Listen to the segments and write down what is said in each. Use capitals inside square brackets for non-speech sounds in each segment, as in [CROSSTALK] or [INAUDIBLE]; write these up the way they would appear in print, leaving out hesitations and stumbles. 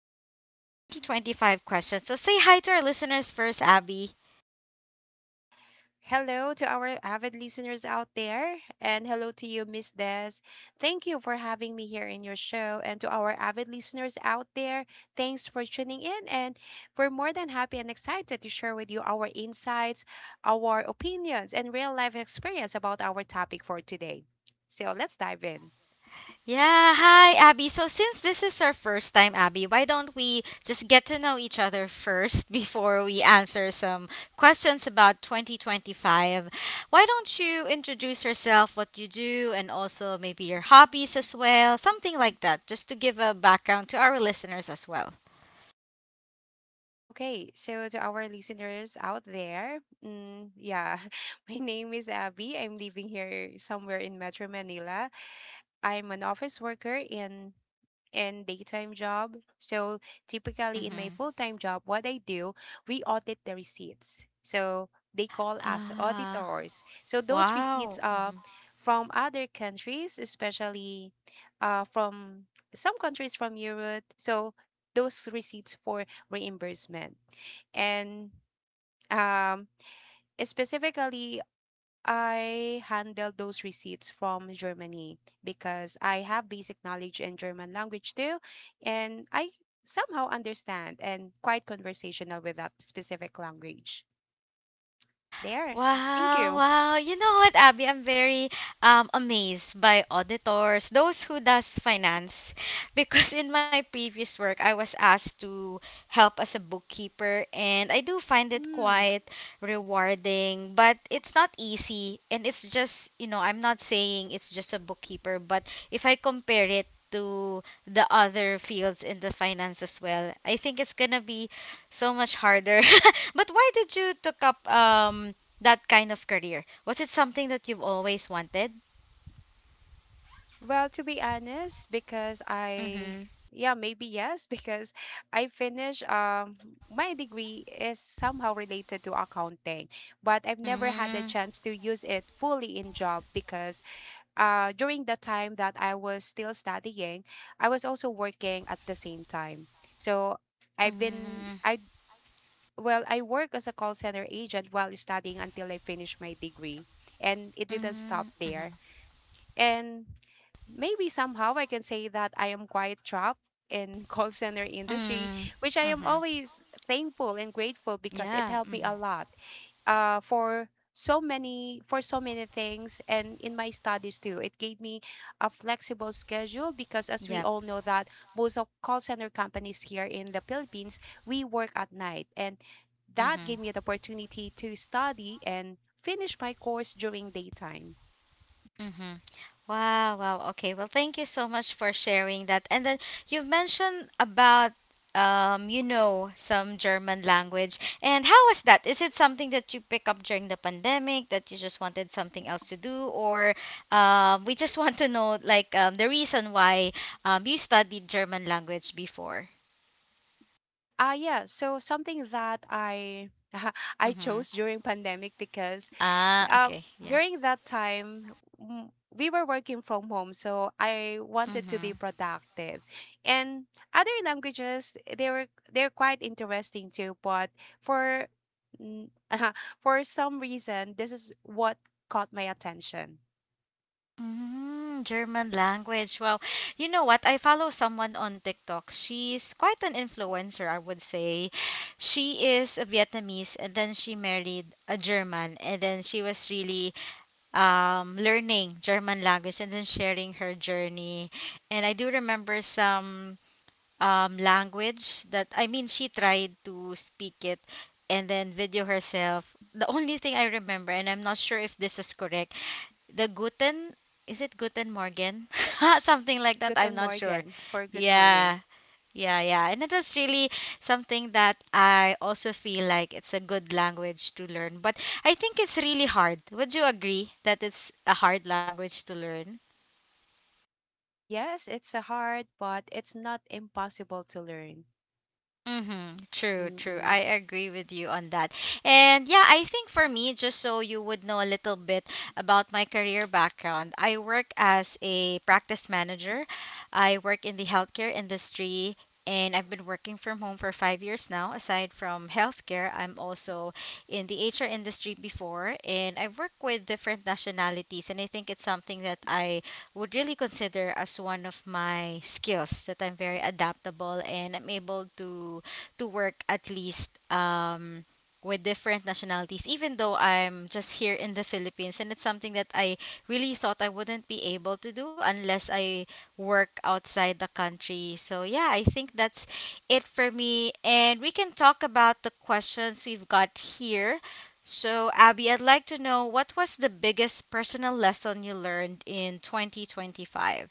our 2025 questions. So say hi to our listeners first, Abby. Hello to our avid listeners out there, and hello to you, Miss Des. Thank you for having me here in your show, and to our avid listeners out there, thanks for tuning in. And we're more than happy and excited to share with you our insights, our opinions, and real life experience about our topic for today. So let's dive in. Yeah, hi, Abby. So since this is our first time, Abby, why don't we just get to know each other first [LAUGHS] before we answer some questions about 2025? Why don't you introduce yourself, what you do, and also maybe your hobbies as well? Something like that, just to give a background to our listeners as well. Okay, so to our listeners out there, yeah, [LAUGHS] my name is Abby. I'm living here somewhere in Metro Manila. I'm an office worker in daytime job. So typically in my Mm-hmm. full-time job, what I do, we audit the receipts. So they call us Ah, auditors. So those receipts wow. are from other countries, especially from some countries from Europe. So those receipts for reimbursement, and um, specifically I handle those receipts from Germany because I have basic knowledge in German language too, and I somehow understand and quite conversational with that specific language. There. Thank Wow, you. wow. You know what, Abby? I'm very amazed by auditors, those who does finance. [LAUGHS] Because in my previous work, I was asked to help as a bookkeeper and I do find it Mm. quite rewarding, but it's not easy and it's just, you know, I'm not saying it's just a bookkeeper, but if I compare it to the other fields in the finance as well, I think it's gonna be so much harder. [LAUGHS] But why did you took up that kind of career. Was it something that you've always wanted? Well, to be honest, because I Mm-hmm. yeah, maybe yes, [LAUGHS] because I finished my degree is somehow related to accounting, but I've never had the Mm-hmm. chance to use it fully in job because during the time that I was still studying, I was also working at the same time. So I've been Mm-hmm. I well, I work as a call center agent while studying until I finished my degree, and it didn't stop there. And maybe somehow I can say that I am quite trapped in [LAUGHS] call center industry, Mm-hmm. which I am Mm-hmm. always thankful and grateful because it Yeah. helped me a Mm-hmm. lot for so many things, and in my studies too it gave me a flexible schedule because as we Yep. all know that most of call center companies here in the Philippines we work at night, and that Mm-hmm. gave me the opportunity to study and finish my course during daytime. Mm-hmm. Wow, wow. Okay. Well, thank you so much for sharing that. And then you've mentioned about you know, some German language. And how was that? Is it something that you pick up during the pandemic that you just wanted something else to do, or we just [LAUGHS] want to know like the reason why you studied German language before? Yeah, so something that I [LAUGHS] I Mm-hmm. chose during pandemic because Ah, uh, okay. during that time we were working from home, so I wanted to Yeah. be productive, and other languages they're quite interesting too, but for n- [LAUGHS] for some reason this is what caught my attention. Mm, German language. Well, you know what? I follow someone on TikTok. She's quite an influencer, I would say. She is a Vietnamese and then she married a German and then she was really learning German language and then sharing her journey. And I do remember some language that I mean she tried to speak it and then video herself. The only thing I remember, and I'm not sure if this is correct, the Guten, is it Guten Morgen? [LAUGHS] something Yes, like that. I'm guten not sure. morgen for good Yeah. morning. Yeah, yeah. And it was really something that I also feel like it's a good language to learn. But I think it's really hard. Would you agree that it's a hard language to learn? Yes, it's a hard, but it's not impossible to learn. Mm-hmm. True, true. Mm-mm. I agree with you on that. And yeah, I think for me, just so you would know a little bit about my career background, I work as a practice manager. I work in the healthcare industry and I've been working from home for 5 years now. Aside from healthcare, I'm also in the HR industry before and I work with different nationalities and I think it's something that I would really consider as one of my skills that I'm very adaptable and I'm able to work at least with different nationalities even though I'm just here in the Philippines and it's something that I really thought I wouldn't be able to do unless I work outside the country. So yeah, I think that's it for me and we can talk about the questions we've got here so, Abby, I'd like to know what was the biggest personal lesson you learned in 2025?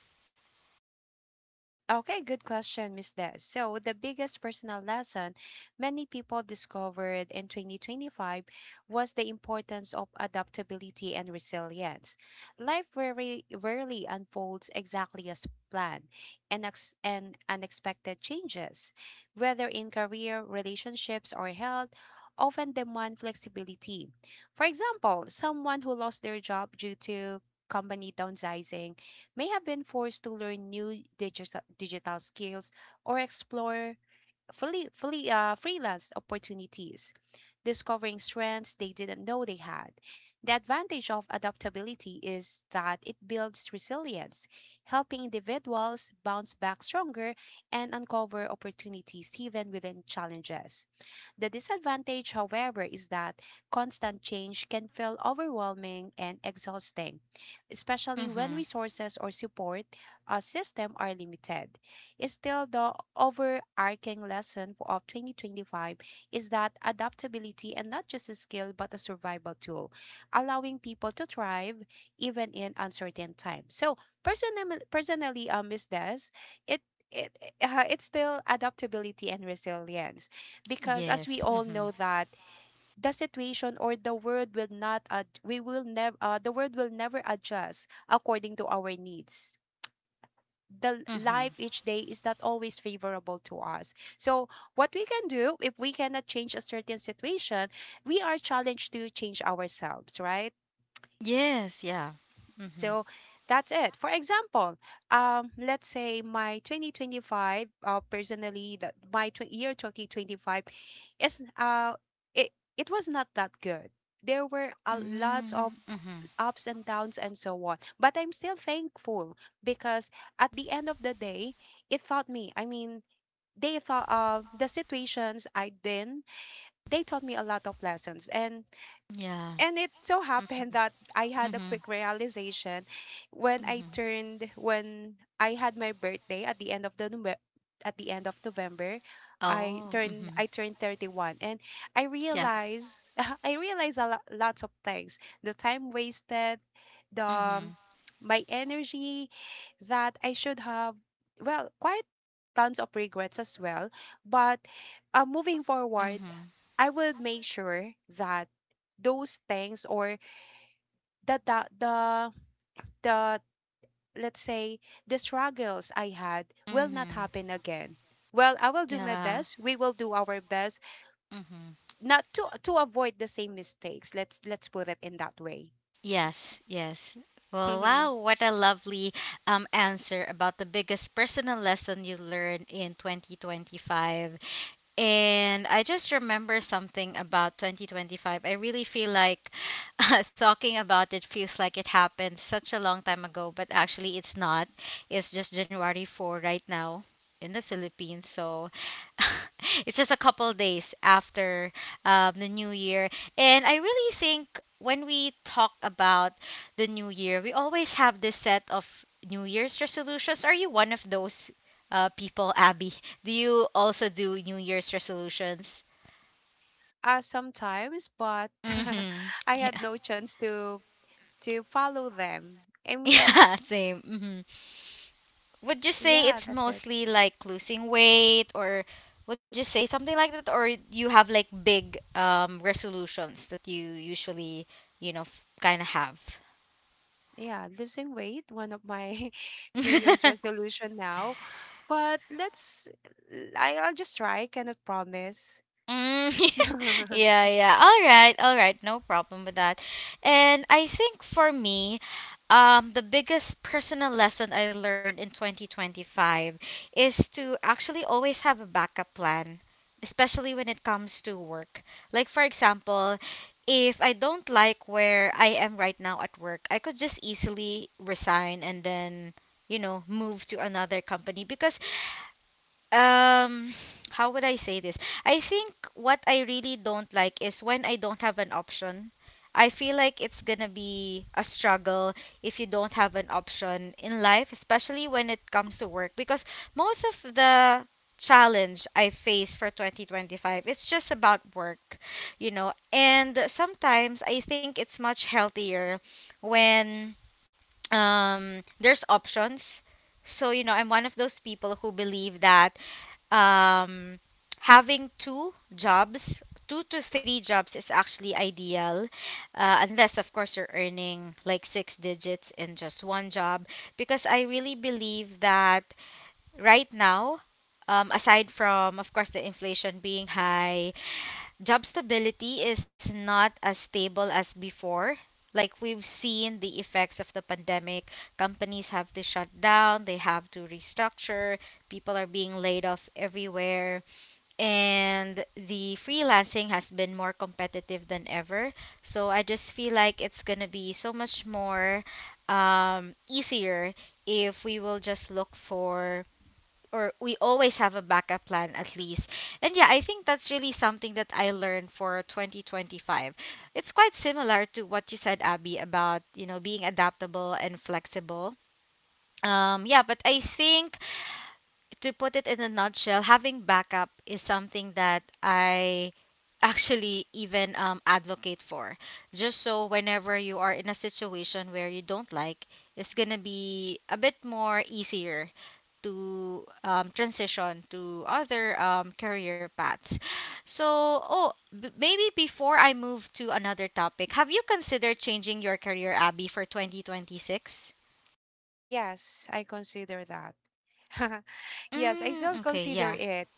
Okay, good question, Miss Des. So, the biggest personal lesson many people discovered in 2025 was the importance of adaptability and resilience. Life rarely, rarely unfolds exactly as planned, and unexpected changes, whether in career, relationships, or health, often demand flexibility. For example, someone who lost their job due to company downsizing may have been forced to learn new digital skills or explore fully freelance opportunities, discovering strengths they didn't know they had. The advantage of adaptability is that it builds resilience, helping individuals bounce back stronger and uncover opportunities even within challenges. The disadvantage, however, is that constant change can feel overwhelming and exhausting, especially when Mm-hmm. resources or support a system are limited. Is still the overarching lesson of 2025 is that adaptability and not just a skill but a survival tool, allowing people to thrive even in uncertain times. So personally, Miss Des, it it it's still adaptability and resilience because as we Yes. all Mm-hmm. know that the situation or the world will not ad- we will never the world will never adjust according to our needs. The Mm-hmm. life each day is not always favorable to us. So, what we can do if we cannot change a certain situation, we are challenged to change ourselves, right? Yes. Yeah. Mm-hmm. So, that's it. For example, let's say my 2025, personally, that my year 2025 is uh, it, it was not that good. There were a lots of Mm-hmm. ups and downs and so on. But I'm still thankful because at the end of the day, it taught me. I mean, they thought, the situations I'd been, they taught me a lot of lessons. And Yeah. and it so happened that I had a Mm-hmm. quick realization Mm-hmm. When I had my birthday at the end of November. I Oh. turned Mm-hmm. I turned 31, and I Yeah. realized [LAUGHS] I realized a lot, lots of things. The time wasted, the Mm-hmm. my energy that I should have, well, quite tons of regrets as well. But moving forward, Mm-hmm. I would make sure that those things or the the the, the let's say the struggles I had will not Mm-hmm. happen again. Well, I will do my Yeah. best. We will do our best Mm-hmm. not to avoid the same mistakes. Let's put it in that way. Yes, yes. Well, Mm-hmm. wow, what a lovely answer about the biggest personal lesson you learned in 2025. And I just remember something about 2025. I really feel like [LAUGHS] talking about it feels like it happened such a long time ago, but actually it's not. It's just January 4th right now in the Philippines. So [LAUGHS] it's just a couple days after the new year. And I really think when we talk about the new year, we always have this set of New Year's resolutions. Are you one of those people, Abby? Do you also do New Year's resolutions? Sometimes, but Mm-hmm. [LAUGHS] I Yeah. had [LAUGHS] no chance to follow them. I mean, Yeah, same. Mm-hmm. Would you say yeah, it's that's it. mostly like losing weight or would you say something like that or you have like big resolutions that you usually, you know, kind of have? Yeah, losing weight, one of my [LAUGHS] New Year's [LAUGHS] resolution now. But I'll just try, cannot promise. Mm, [LAUGHS] [LAUGHS] yeah, I, yeah. All right, all right. No problem with that. And I think for me, the biggest personal lesson I learned in 2025 is to actually always have a backup plan, especially when it comes to work. Like, for example, if I don't like where I am right now at work, I could just easily resign and then, you know, move to another company because um [SIGHS] how would I say this? I think what I really don't like is when I don't have an option. I feel like it's gonna be a struggle if you don't have an option in life, especially when it comes to work because most of the challenge I face for 2025, it's just about work, you know, and sometimes I think it's much healthier when there's options. So you know I'm one of those people who believe that um, having two jobs, two to three jobs is actually ideal, unless, of course, you're earning like six digits in just one job. Because I really believe that right now, aside from, of course, the inflation being high, job stability is not as stable as before. Like we've seen the effects of the pandemic, companies have to shut down, they have to restructure, people are being laid off everywhere and the freelancing has been more competitive than ever. So I just feel like it's gonna be so much more easier if we will just look for or we always have a backup plan at least. And yeah, I think that's really something that I learned for 2025. It's quite similar to what you said Abby about, you know, being adaptable and flexible. Yeah, but I think to put it in a nutshell, having backup is something that I actually even advocate for. Just so whenever you are in a situation where you don't like, it's gonna be a bit more easier to transition to other career paths. So, oh, maybe before I move to another topic, have you considered changing your career, Abby, for 2026? yes, I consider that. [LAUGHS] Yes, I still Mm, okay, consider yeah. it.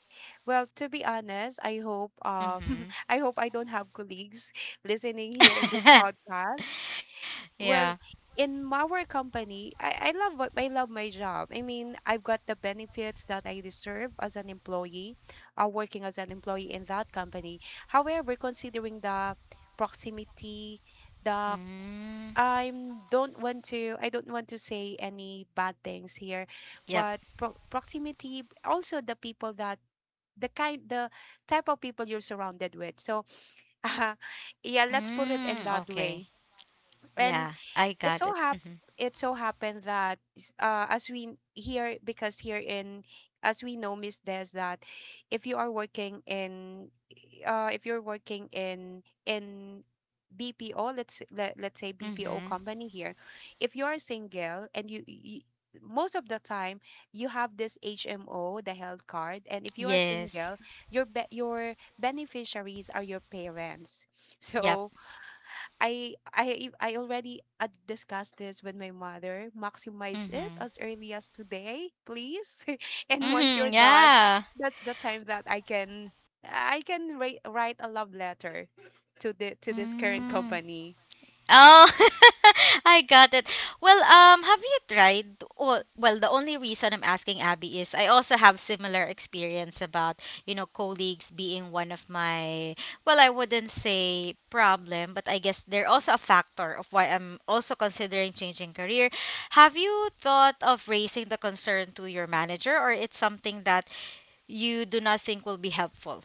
Well, to be honest, I hope [LAUGHS] Mm-hmm. I hope I don't have colleagues [LAUGHS] listening here in this podcast. [LAUGHS] Well, in our company, I love my job. I mean, I've got the benefits that I deserve as an employee, working as an employee in that company. However, considering the proximity, the Mm, I'm don't want to I don't want to say any bad things here, yep. but proximity, also the people that the kind the type of people you're surrounded with. So [LAUGHS] uh, yeah, let's Mm, put it in okay. that way. Yeah, And I got it. it so Mm-hmm. hap- it so happened that s- as we here because here in as we know, Miss Des, that if you are working in, if you're working in BPO, let's say Mm-hmm. BPO company here, if you are single, and you most of the time you have this HMO, the health card, and if you are Yes. single, your beneficiaries are your parents [LAUGHS] Yep. so I already discussed this with my mother. Maximize it Mm-hmm. as early as today, please. [LAUGHS] And once you're Mm-hmm. done, Yeah. that's the time that I can write a love letter to the to this current Mm. company. Oh, [LAUGHS] I got it. Well, have you tried? Well, the only reason I'm asking Abby is I also have similar experience about you know colleagues being one of my well, I wouldn't say problem, but I guess they're also a factor of why I'm also considering changing career. Have you thought of raising the concern to your manager, or it's something that you do not think will be helpful?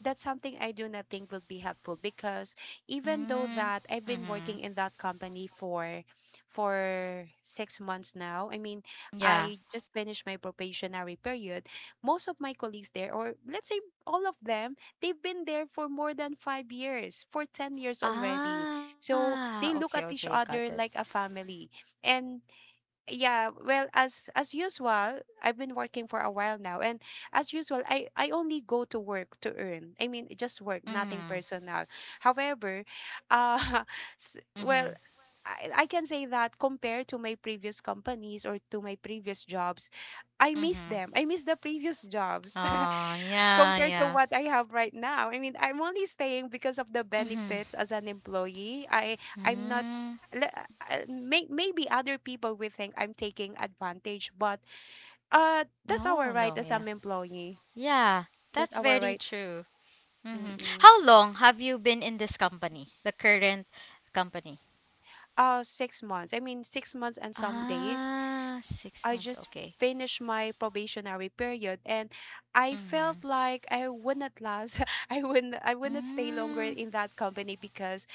That's something I do not think will be helpful because even though Mm-hmm. that I've been Mm-hmm. working in that company for 6 months now, I mean, Yeah. I just finished my probationary period. Most of my colleagues there, or let's say all of them, they've been there for more than 5 years, for 10 years already. Ah, So okay, they look okay, at got each it. other like a family. And yeah, well, as usual I've been working for a while now, and as usual, I only go to work to earn, I mean just work, nothing Mhm. personal. However, uh [LAUGHS] Mhm. well, I can say that compared to my previous companies or to my previous jobs, I miss Mhm. them, I miss the previous jobs [LAUGHS] Oh, yeah, compared to yeah. what I have right now. I mean, I'm only staying because of the Mhm. benefits as an employee. I'm not Mm. Maybe other people will think I'm taking advantage, but that's No, our right no, as yeah. an employee. Yeah, That's that's our very right. true. Mhm. Mm-mm. How long have you been in this company? The current company? 6 months. I mean, 6 months and some days. Ah, six I months. just Okay. finished my probationary period, and I Mhm. felt like I wouldn't last [LAUGHS] I wouldn't stay longer Mm. in that company because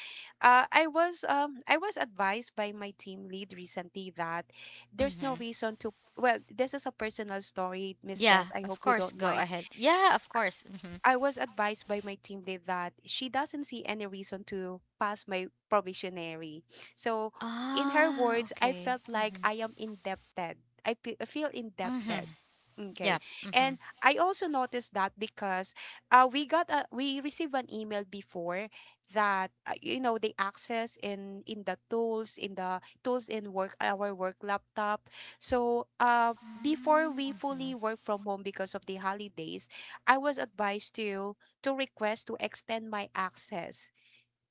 I was advised by my team lead recently that there's no Mhm. reason to. Well, this is a personal story, Miss Des, Yeah, I hope of you course. don't Go mind. ahead. Yeah, of course. Mhm. I was advised by my team lead that she doesn't see any reason to pass my probationary. So, in her Ah, words, I okay. felt like Mhm. I am indebted. I feel indebted. Mhm. Okay. Yep. And Mhm. I also noticed that because we received an email before that, the access in the tools in work our work laptop. So before Mm, we fully work from home because of the holidays, I was advised to request to extend my access,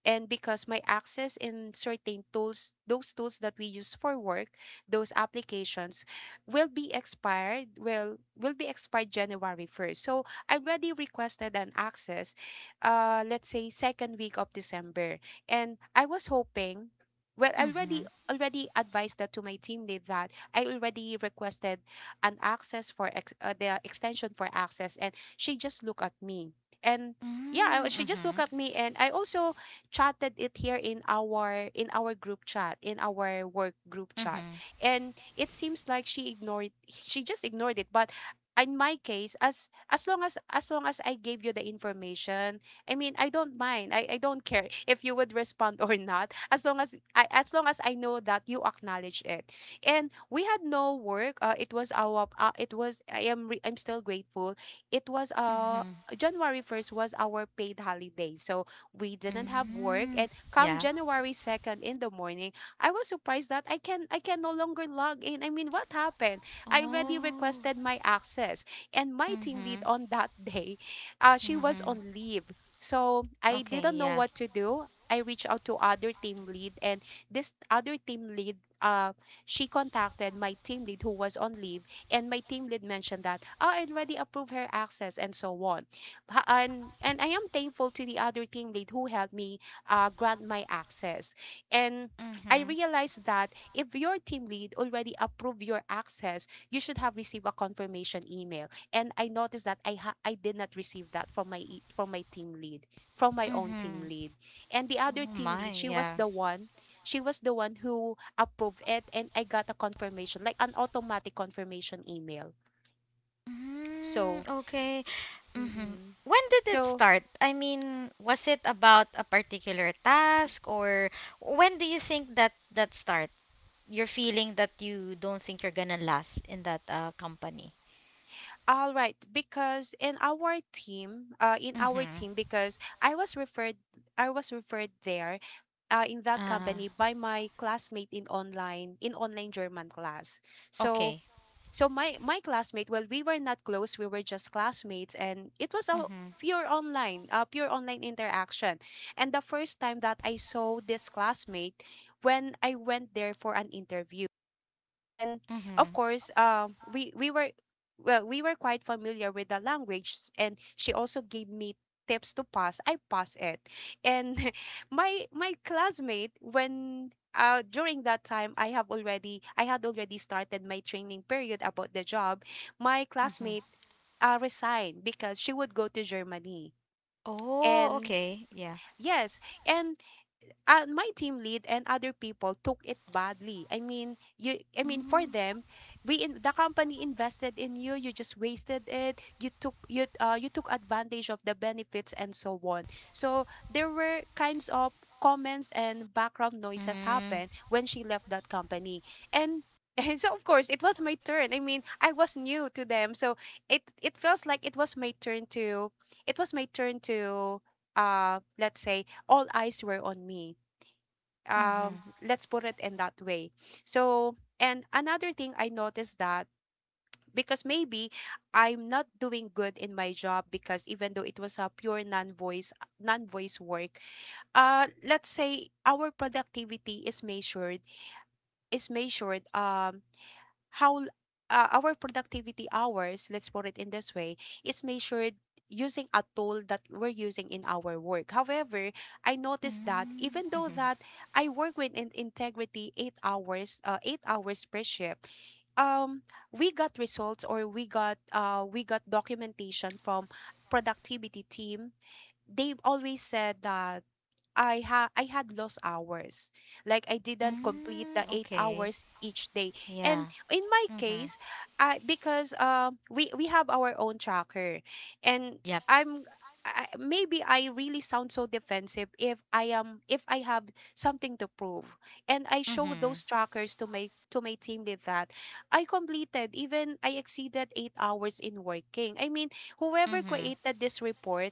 and because my access in certain tools, those tools that we use for work, those applications will be expired January 1st. So I already requested an access, let's say second week of December, and I was hoping, well, I already Mhm. already advised that to my team lead that I already requested an access the extension for access, and she just looked at me, and yeah, Mm, she just looked mhm, at me, and I also chatted it here in our group chat, in our work group chat. mhm, And it seems like she just ignored it, but in my case, as long as I gave you the information, I mean, I don't mind. I don't care [LAUGHS] if you would respond [LAUGHS] or not as long as I know that you acknowledge it. And we had no work. It was our it was I am re- I'm still grateful. It was mhm, January 1st was our paid holiday. So we didn't have work, and mm. come Yeah. January 2nd in the morning, I was surprised that I can no longer log in. I mean, what happened? I already Oh. requested my access, and my team lead Mhm, on that [LAUGHS] day, she was mhm. on leave, so I Okay, didn't know yeah. what to do. I reached out to other team lead, and this other team lead, she contacted my team lead who was on leave, and my team lead mentioned that, oh, I already approved her access, and so on. And I am thankful to the other team lead who helped me grant my access. And I Mhm, realized that if your team lead already approved your access, you should have received a confirmation email. And I noticed that I did not receive that from my team lead, from my own team mhm. lead. And the Oh other my, team lead, yeah. She was the one who approved it, and I got a confirmation, like an automatic confirmation email. Mm, So, okay. Mhm. mm-mm. When did it so start? I mean, was it about a particular task or when do you think that that start? You're feeling that you don't think you're gonna last in that company. All right, because in our team, Mhm. Because I was referred there, in that Uh, company by my classmate in online German class. So, okay. so my classmate, well, we were not close, we were just classmates, and it was a Mhm. Pure online interaction. And the first time that I saw this classmate, when I went there for an interview and of Mhm. course, we were well, we were quite familiar with the language, and she also gave me tips to pass. I passed it, and [LAUGHS] my classmate when. During that time I had already started my training period about the job my Mhm. classmate resigned because she would go to Germany Oh, and okay. Yeah. yes and my team lead and other people took it badly. I mean, you I mean for Mm, them, the company invested in you, you just wasted it. You took advantage of the benefits and so on. So there were kinds of comments and background noises mm, happen when she left that company. And [LAUGHS] and so of course it was my turn. I mean, I was new to them. So it feels like it was my turn to let's say all eyes were on me, um, mhm, let's put it in that way. So and another thing I noticed that because maybe I'm not doing good in my job because even though it was a pure non voice work, let's say our productivity is measured, how l- our productivity hours, let's put it in this way, is measured using a tool that we're using in our work. However, I noticed that mm, even though mhm, that I work with in- integrity 8 hours, 8 hours per shift, um, we got results, or we got documentation from productivity team. They always said that I had lost hours. Like I didn't complete mm, the eight okay. hours each day. And Yeah. in my Mhm. case, I because we have our own tracker, and Yep. I'm I, maybe I really sound so defensive if I have something to prove, and I show Mhm. those trackers to my team with that I completed, even I exceeded 8 hours in working. I mean, whoever Mhm. created this report,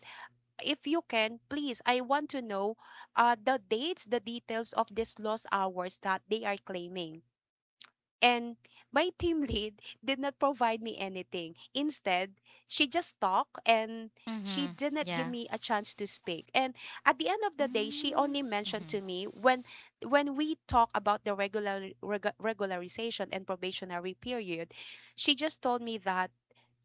if you can, please, I want to know, the dates, the details of these lost hours that they are claiming. And my [LAUGHS] team lead did not provide me anything. Instead, she just talked, and she Mhm. did not give Yeah. me a chance to speak. And at the end of the day, she Mm, only mentioned to mhm. me when we talk about the regularization and probationary period, she just told me that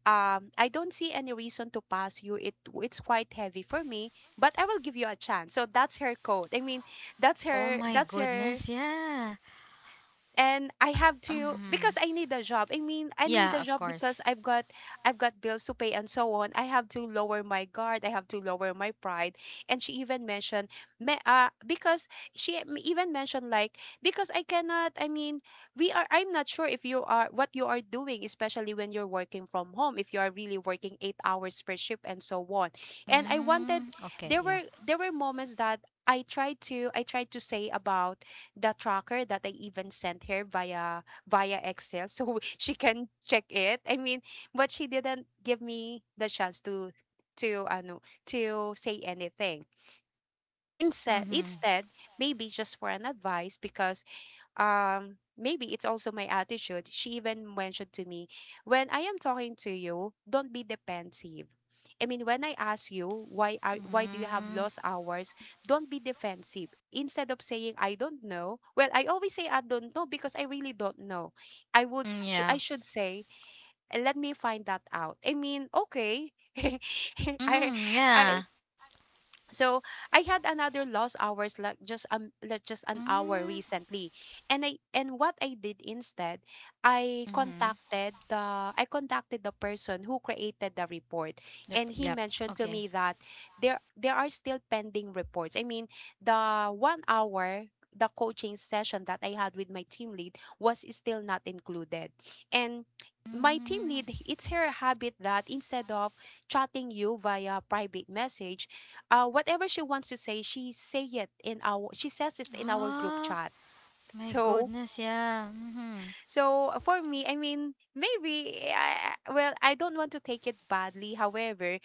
I don't see any reason to pass you. It's quite heavy for me, but I will give you a chance. So that's her code. I mean, Oh my that's her. goodness. Yeah. And I have to because Mhm. I need a job. I mean, I need a Yeah, of job because course. I've got bills to pay and so on. I have to lower my guard. I have to lower my pride. And she even mentioned me, because she even mentioned like because I cannot. I mean, we are. I'm not sure if you are what you are doing, especially when you're working from home. If you are really working 8 hours per shift and so on. And I wanted Mm, okay. Yeah. There were moments that. I tried to say about the tracker that I even sent her via Excel so [LAUGHS] she can check it. I mean, but she didn't give me the chance to ano to say anything. Instead, Mhm. instead, maybe just for an advice because maybe it's also my attitude, she even mentioned to me, when I am talking to you, don't be defensive. I mean when I ask you why do you have Mm, lost hours, don't be defensive. Instead of saying I don't know, well I always say I don't know because I really don't know. Mm, I yeah. should say let me find that out. I mean, okay. [LAUGHS] I Mhm. I Yeah. So I had another lost hours like just an hour Mm, recently. And I and what I did instead, mhm. I contacted the person who created the report, Yep. and he Yep. mentioned to Okay. me that there are still pending reports. I mean, the 1 hour, the coaching session that I had with my team lead, was still not included. And my team Mm. lead, it's her habit that instead of chatting you via private message, whatever she wants to say, she says it in our group Ah. chat. [LAUGHS] My So goodness, yeah. Mhm. so for me, I mean, well, I don't want to take it badly. However,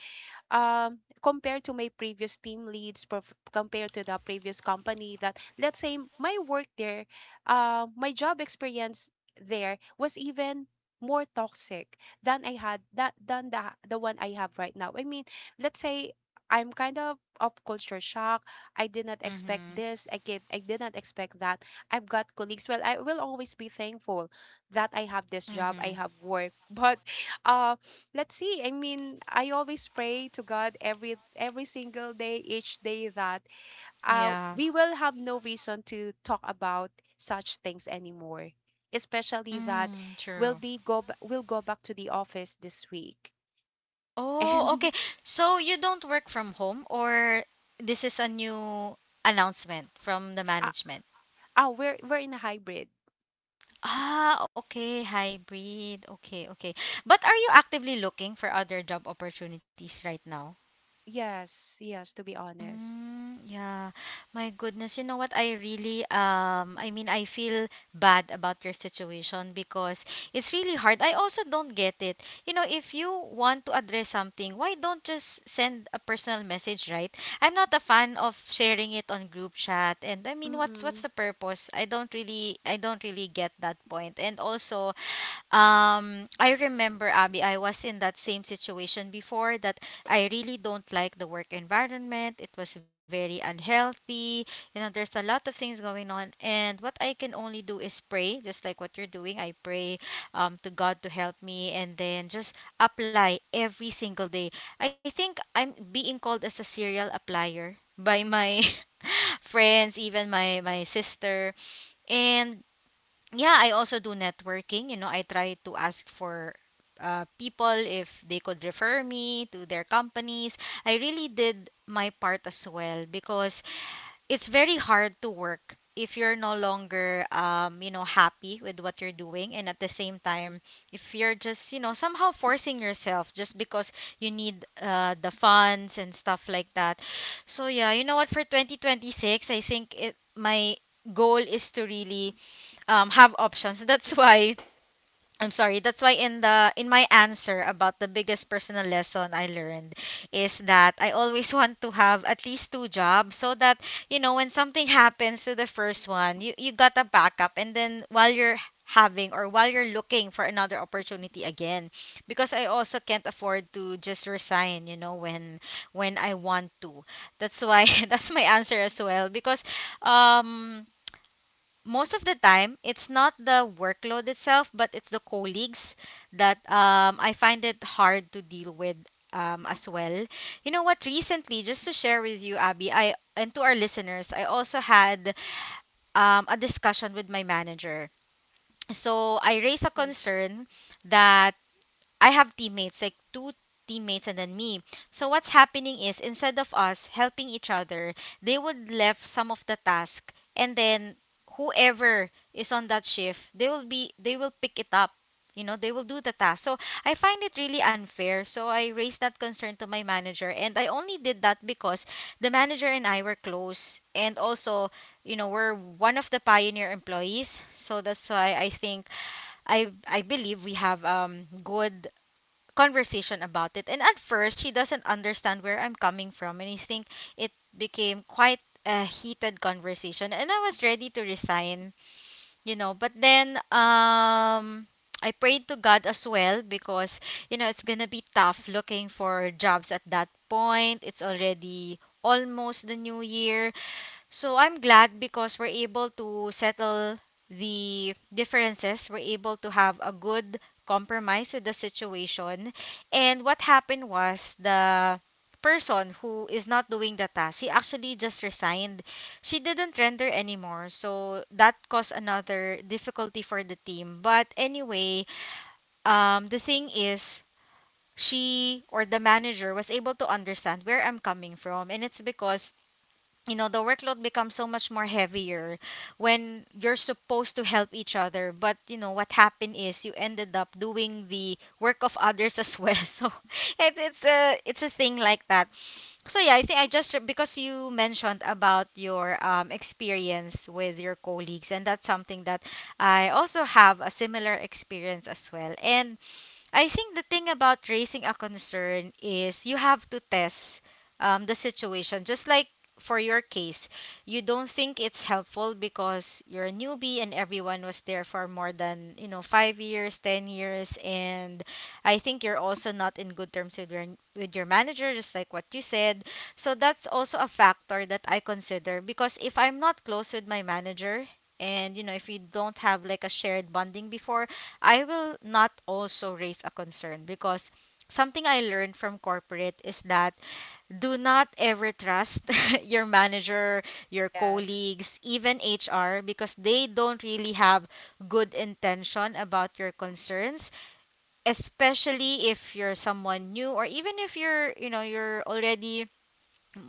um, compared to my previous team leads perf- compared to the previous company, that let's say my work there, my job experience there was even more toxic than I had that than the one I have right now. I mean, let's say I'm kind of culture shock. I did not expect Mhm. this. I did not expect that. I've got colleagues. Well, I will always be thankful that I have this job. I Mhm. have work. [LAUGHS] But um, let's see. I mean, I always pray to God every single day, each day that Yeah. we will have no reason to talk about such things anymore. Especially that Mm, true. We'll go back to the office this week. [LAUGHS] Oh, And okay. So you don't work from home or this is a new announcement from the uh, management? We're in a hybrid. Ah, okay. Hybrid. Okay, okay. But are you actively looking for other job opportunities right now? Yes, yes, to be honest. Mm, yeah. My goodness, you know what? I really I mean I feel bad about your situation because it's really hard. I also don't get it. You know, if you want to address something, why don't just send a personal message, right? I'm not a fan of sharing it on group chat and I mean what's Mm-mm. the purpose? I don't really get that point. And also I remember, Abby, I was in that same situation before that I really don't like the work environment. It was very unhealthy. You know, there's a lot of things going on. And what I can only do is pray, just like what you're doing. I pray to God to help me and then just apply every single day. I think I'm being called as a serial applier by my [LAUGHS] friends, even my sister. And yeah, I also do networking. You know, I try to ask for people if they could refer me to their companies. I really did my part as well because it's very hard to work if you're no longer you know happy with what you're doing, and at the same Yes. time if you're just you know somehow forcing yourself just because you need the funds and stuff like that. So yeah, you know what, for 2026 I think it my goal is to really have options. [LAUGHS] That's why I'm sorry. That's why in the in my answer about the biggest personal lesson I learned is that I always [LAUGHS] want to have at least two jobs, so that you know when something happens to the first one, you got a backup, and then while you're having or while you're looking for another opportunity again, because I also can't afford to just resign, you know, when I want to. That's why [LAUGHS] Yes. that's my answer as well, because um most of the time it's not the workload itself but it's the colleagues that I find it hard to deal with as well. You know what, recently, just to share with you Abby I and to our listeners, I also had a discussion with my manager. So I raised a Mm. concern that I have teammates, like two teammates and then me. So what's happening is instead of us helping each other, they would left some of the task, and then whoever is on that shift, they will pick it up. You know, they will do the task. So I find it really unfair. So I raised that concern to my manager, and I only did that because the manager and I were close, and also, you know, we're one of the pioneer employees. So that's why I think I believe we have good conversation about it. And at first, she doesn't understand where I'm coming from. And I think it became quite a heated conversation. And I was ready to resign, you know. But then, I prayed to God as well because, you know, it's going to be tough looking for jobs at that point. It's already almost the new year. So I'm glad because we're able to settle the differences. We're able to have a good compromise with the situation. And what happened was, the person who is not doing the task, she actually just resigned. She didn't render anymore. So that caused another difficulty for the team. But anyway, the thing is, she or the manager was able to understand where I'm coming from. And it's because you know the workload becomes so much more heavier when you're supposed to help each other, but you know what happened is you ended up doing the work of others as well. [LAUGHS] So it's a thing like that. So yeah, I think because you mentioned about your experience with your colleagues, and that's something that I also have a similar experience as well. And I think the thing about raising a concern is you have to test the situation. Just like for your case, you don't think it's helpful because you're a newbie and everyone was there for more than you know 5 years, 10 years, and I think you're also not in good terms with your manager, just like what you said. So that's also a factor that I consider, because if I'm not close with my manager, and you know if we don't have like a shared bonding before, I will not also raise a concern, because something I learned from corporate is that do not ever trust [LAUGHS] your manager, your Yes. colleagues, even HR, because they don't really have good intention about your concerns, especially if you're someone new, or even if you're, you know, you're already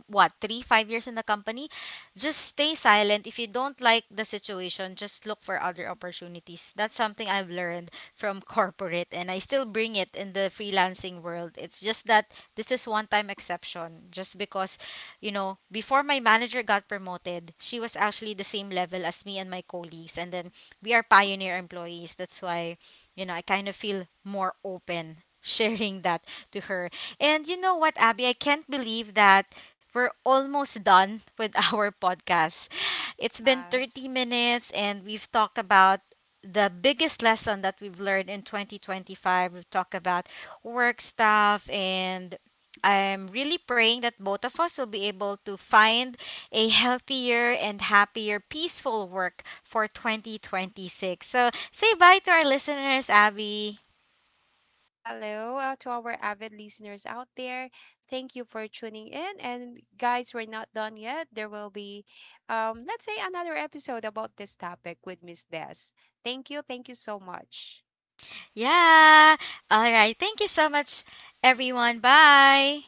what, 3 5 years in the company. Just stay silent. If you don't like the situation, just look for other opportunities. That's something I've learned from [LAUGHS] corporate, and I still bring it in the freelancing world. It's just that this is one time exception just because, you know, before my manager got promoted, she was actually the same level as me and my colleagues, and then we are pioneer employees, that's why you know I kind of feel more open [LAUGHS] sharing that to her. And you know what Abby, I can't believe that we're almost done with our [LAUGHS] podcast. It's been Yes. 30 minutes and we've talked about the biggest lesson that we've learned in 2025. We've talked about work stuff, and I'm really praying that both of us will be able to find a healthier and happier, peaceful work for 2026. So say bye to our listeners, Abby. Hello, to our avid listeners out there. Thank you for tuning in. And guys, we're not done yet. There will be, let's say, another episode about this topic with Miss Des. Thank you. Thank you so much. Yeah. All right. Thank you so much, everyone. Bye.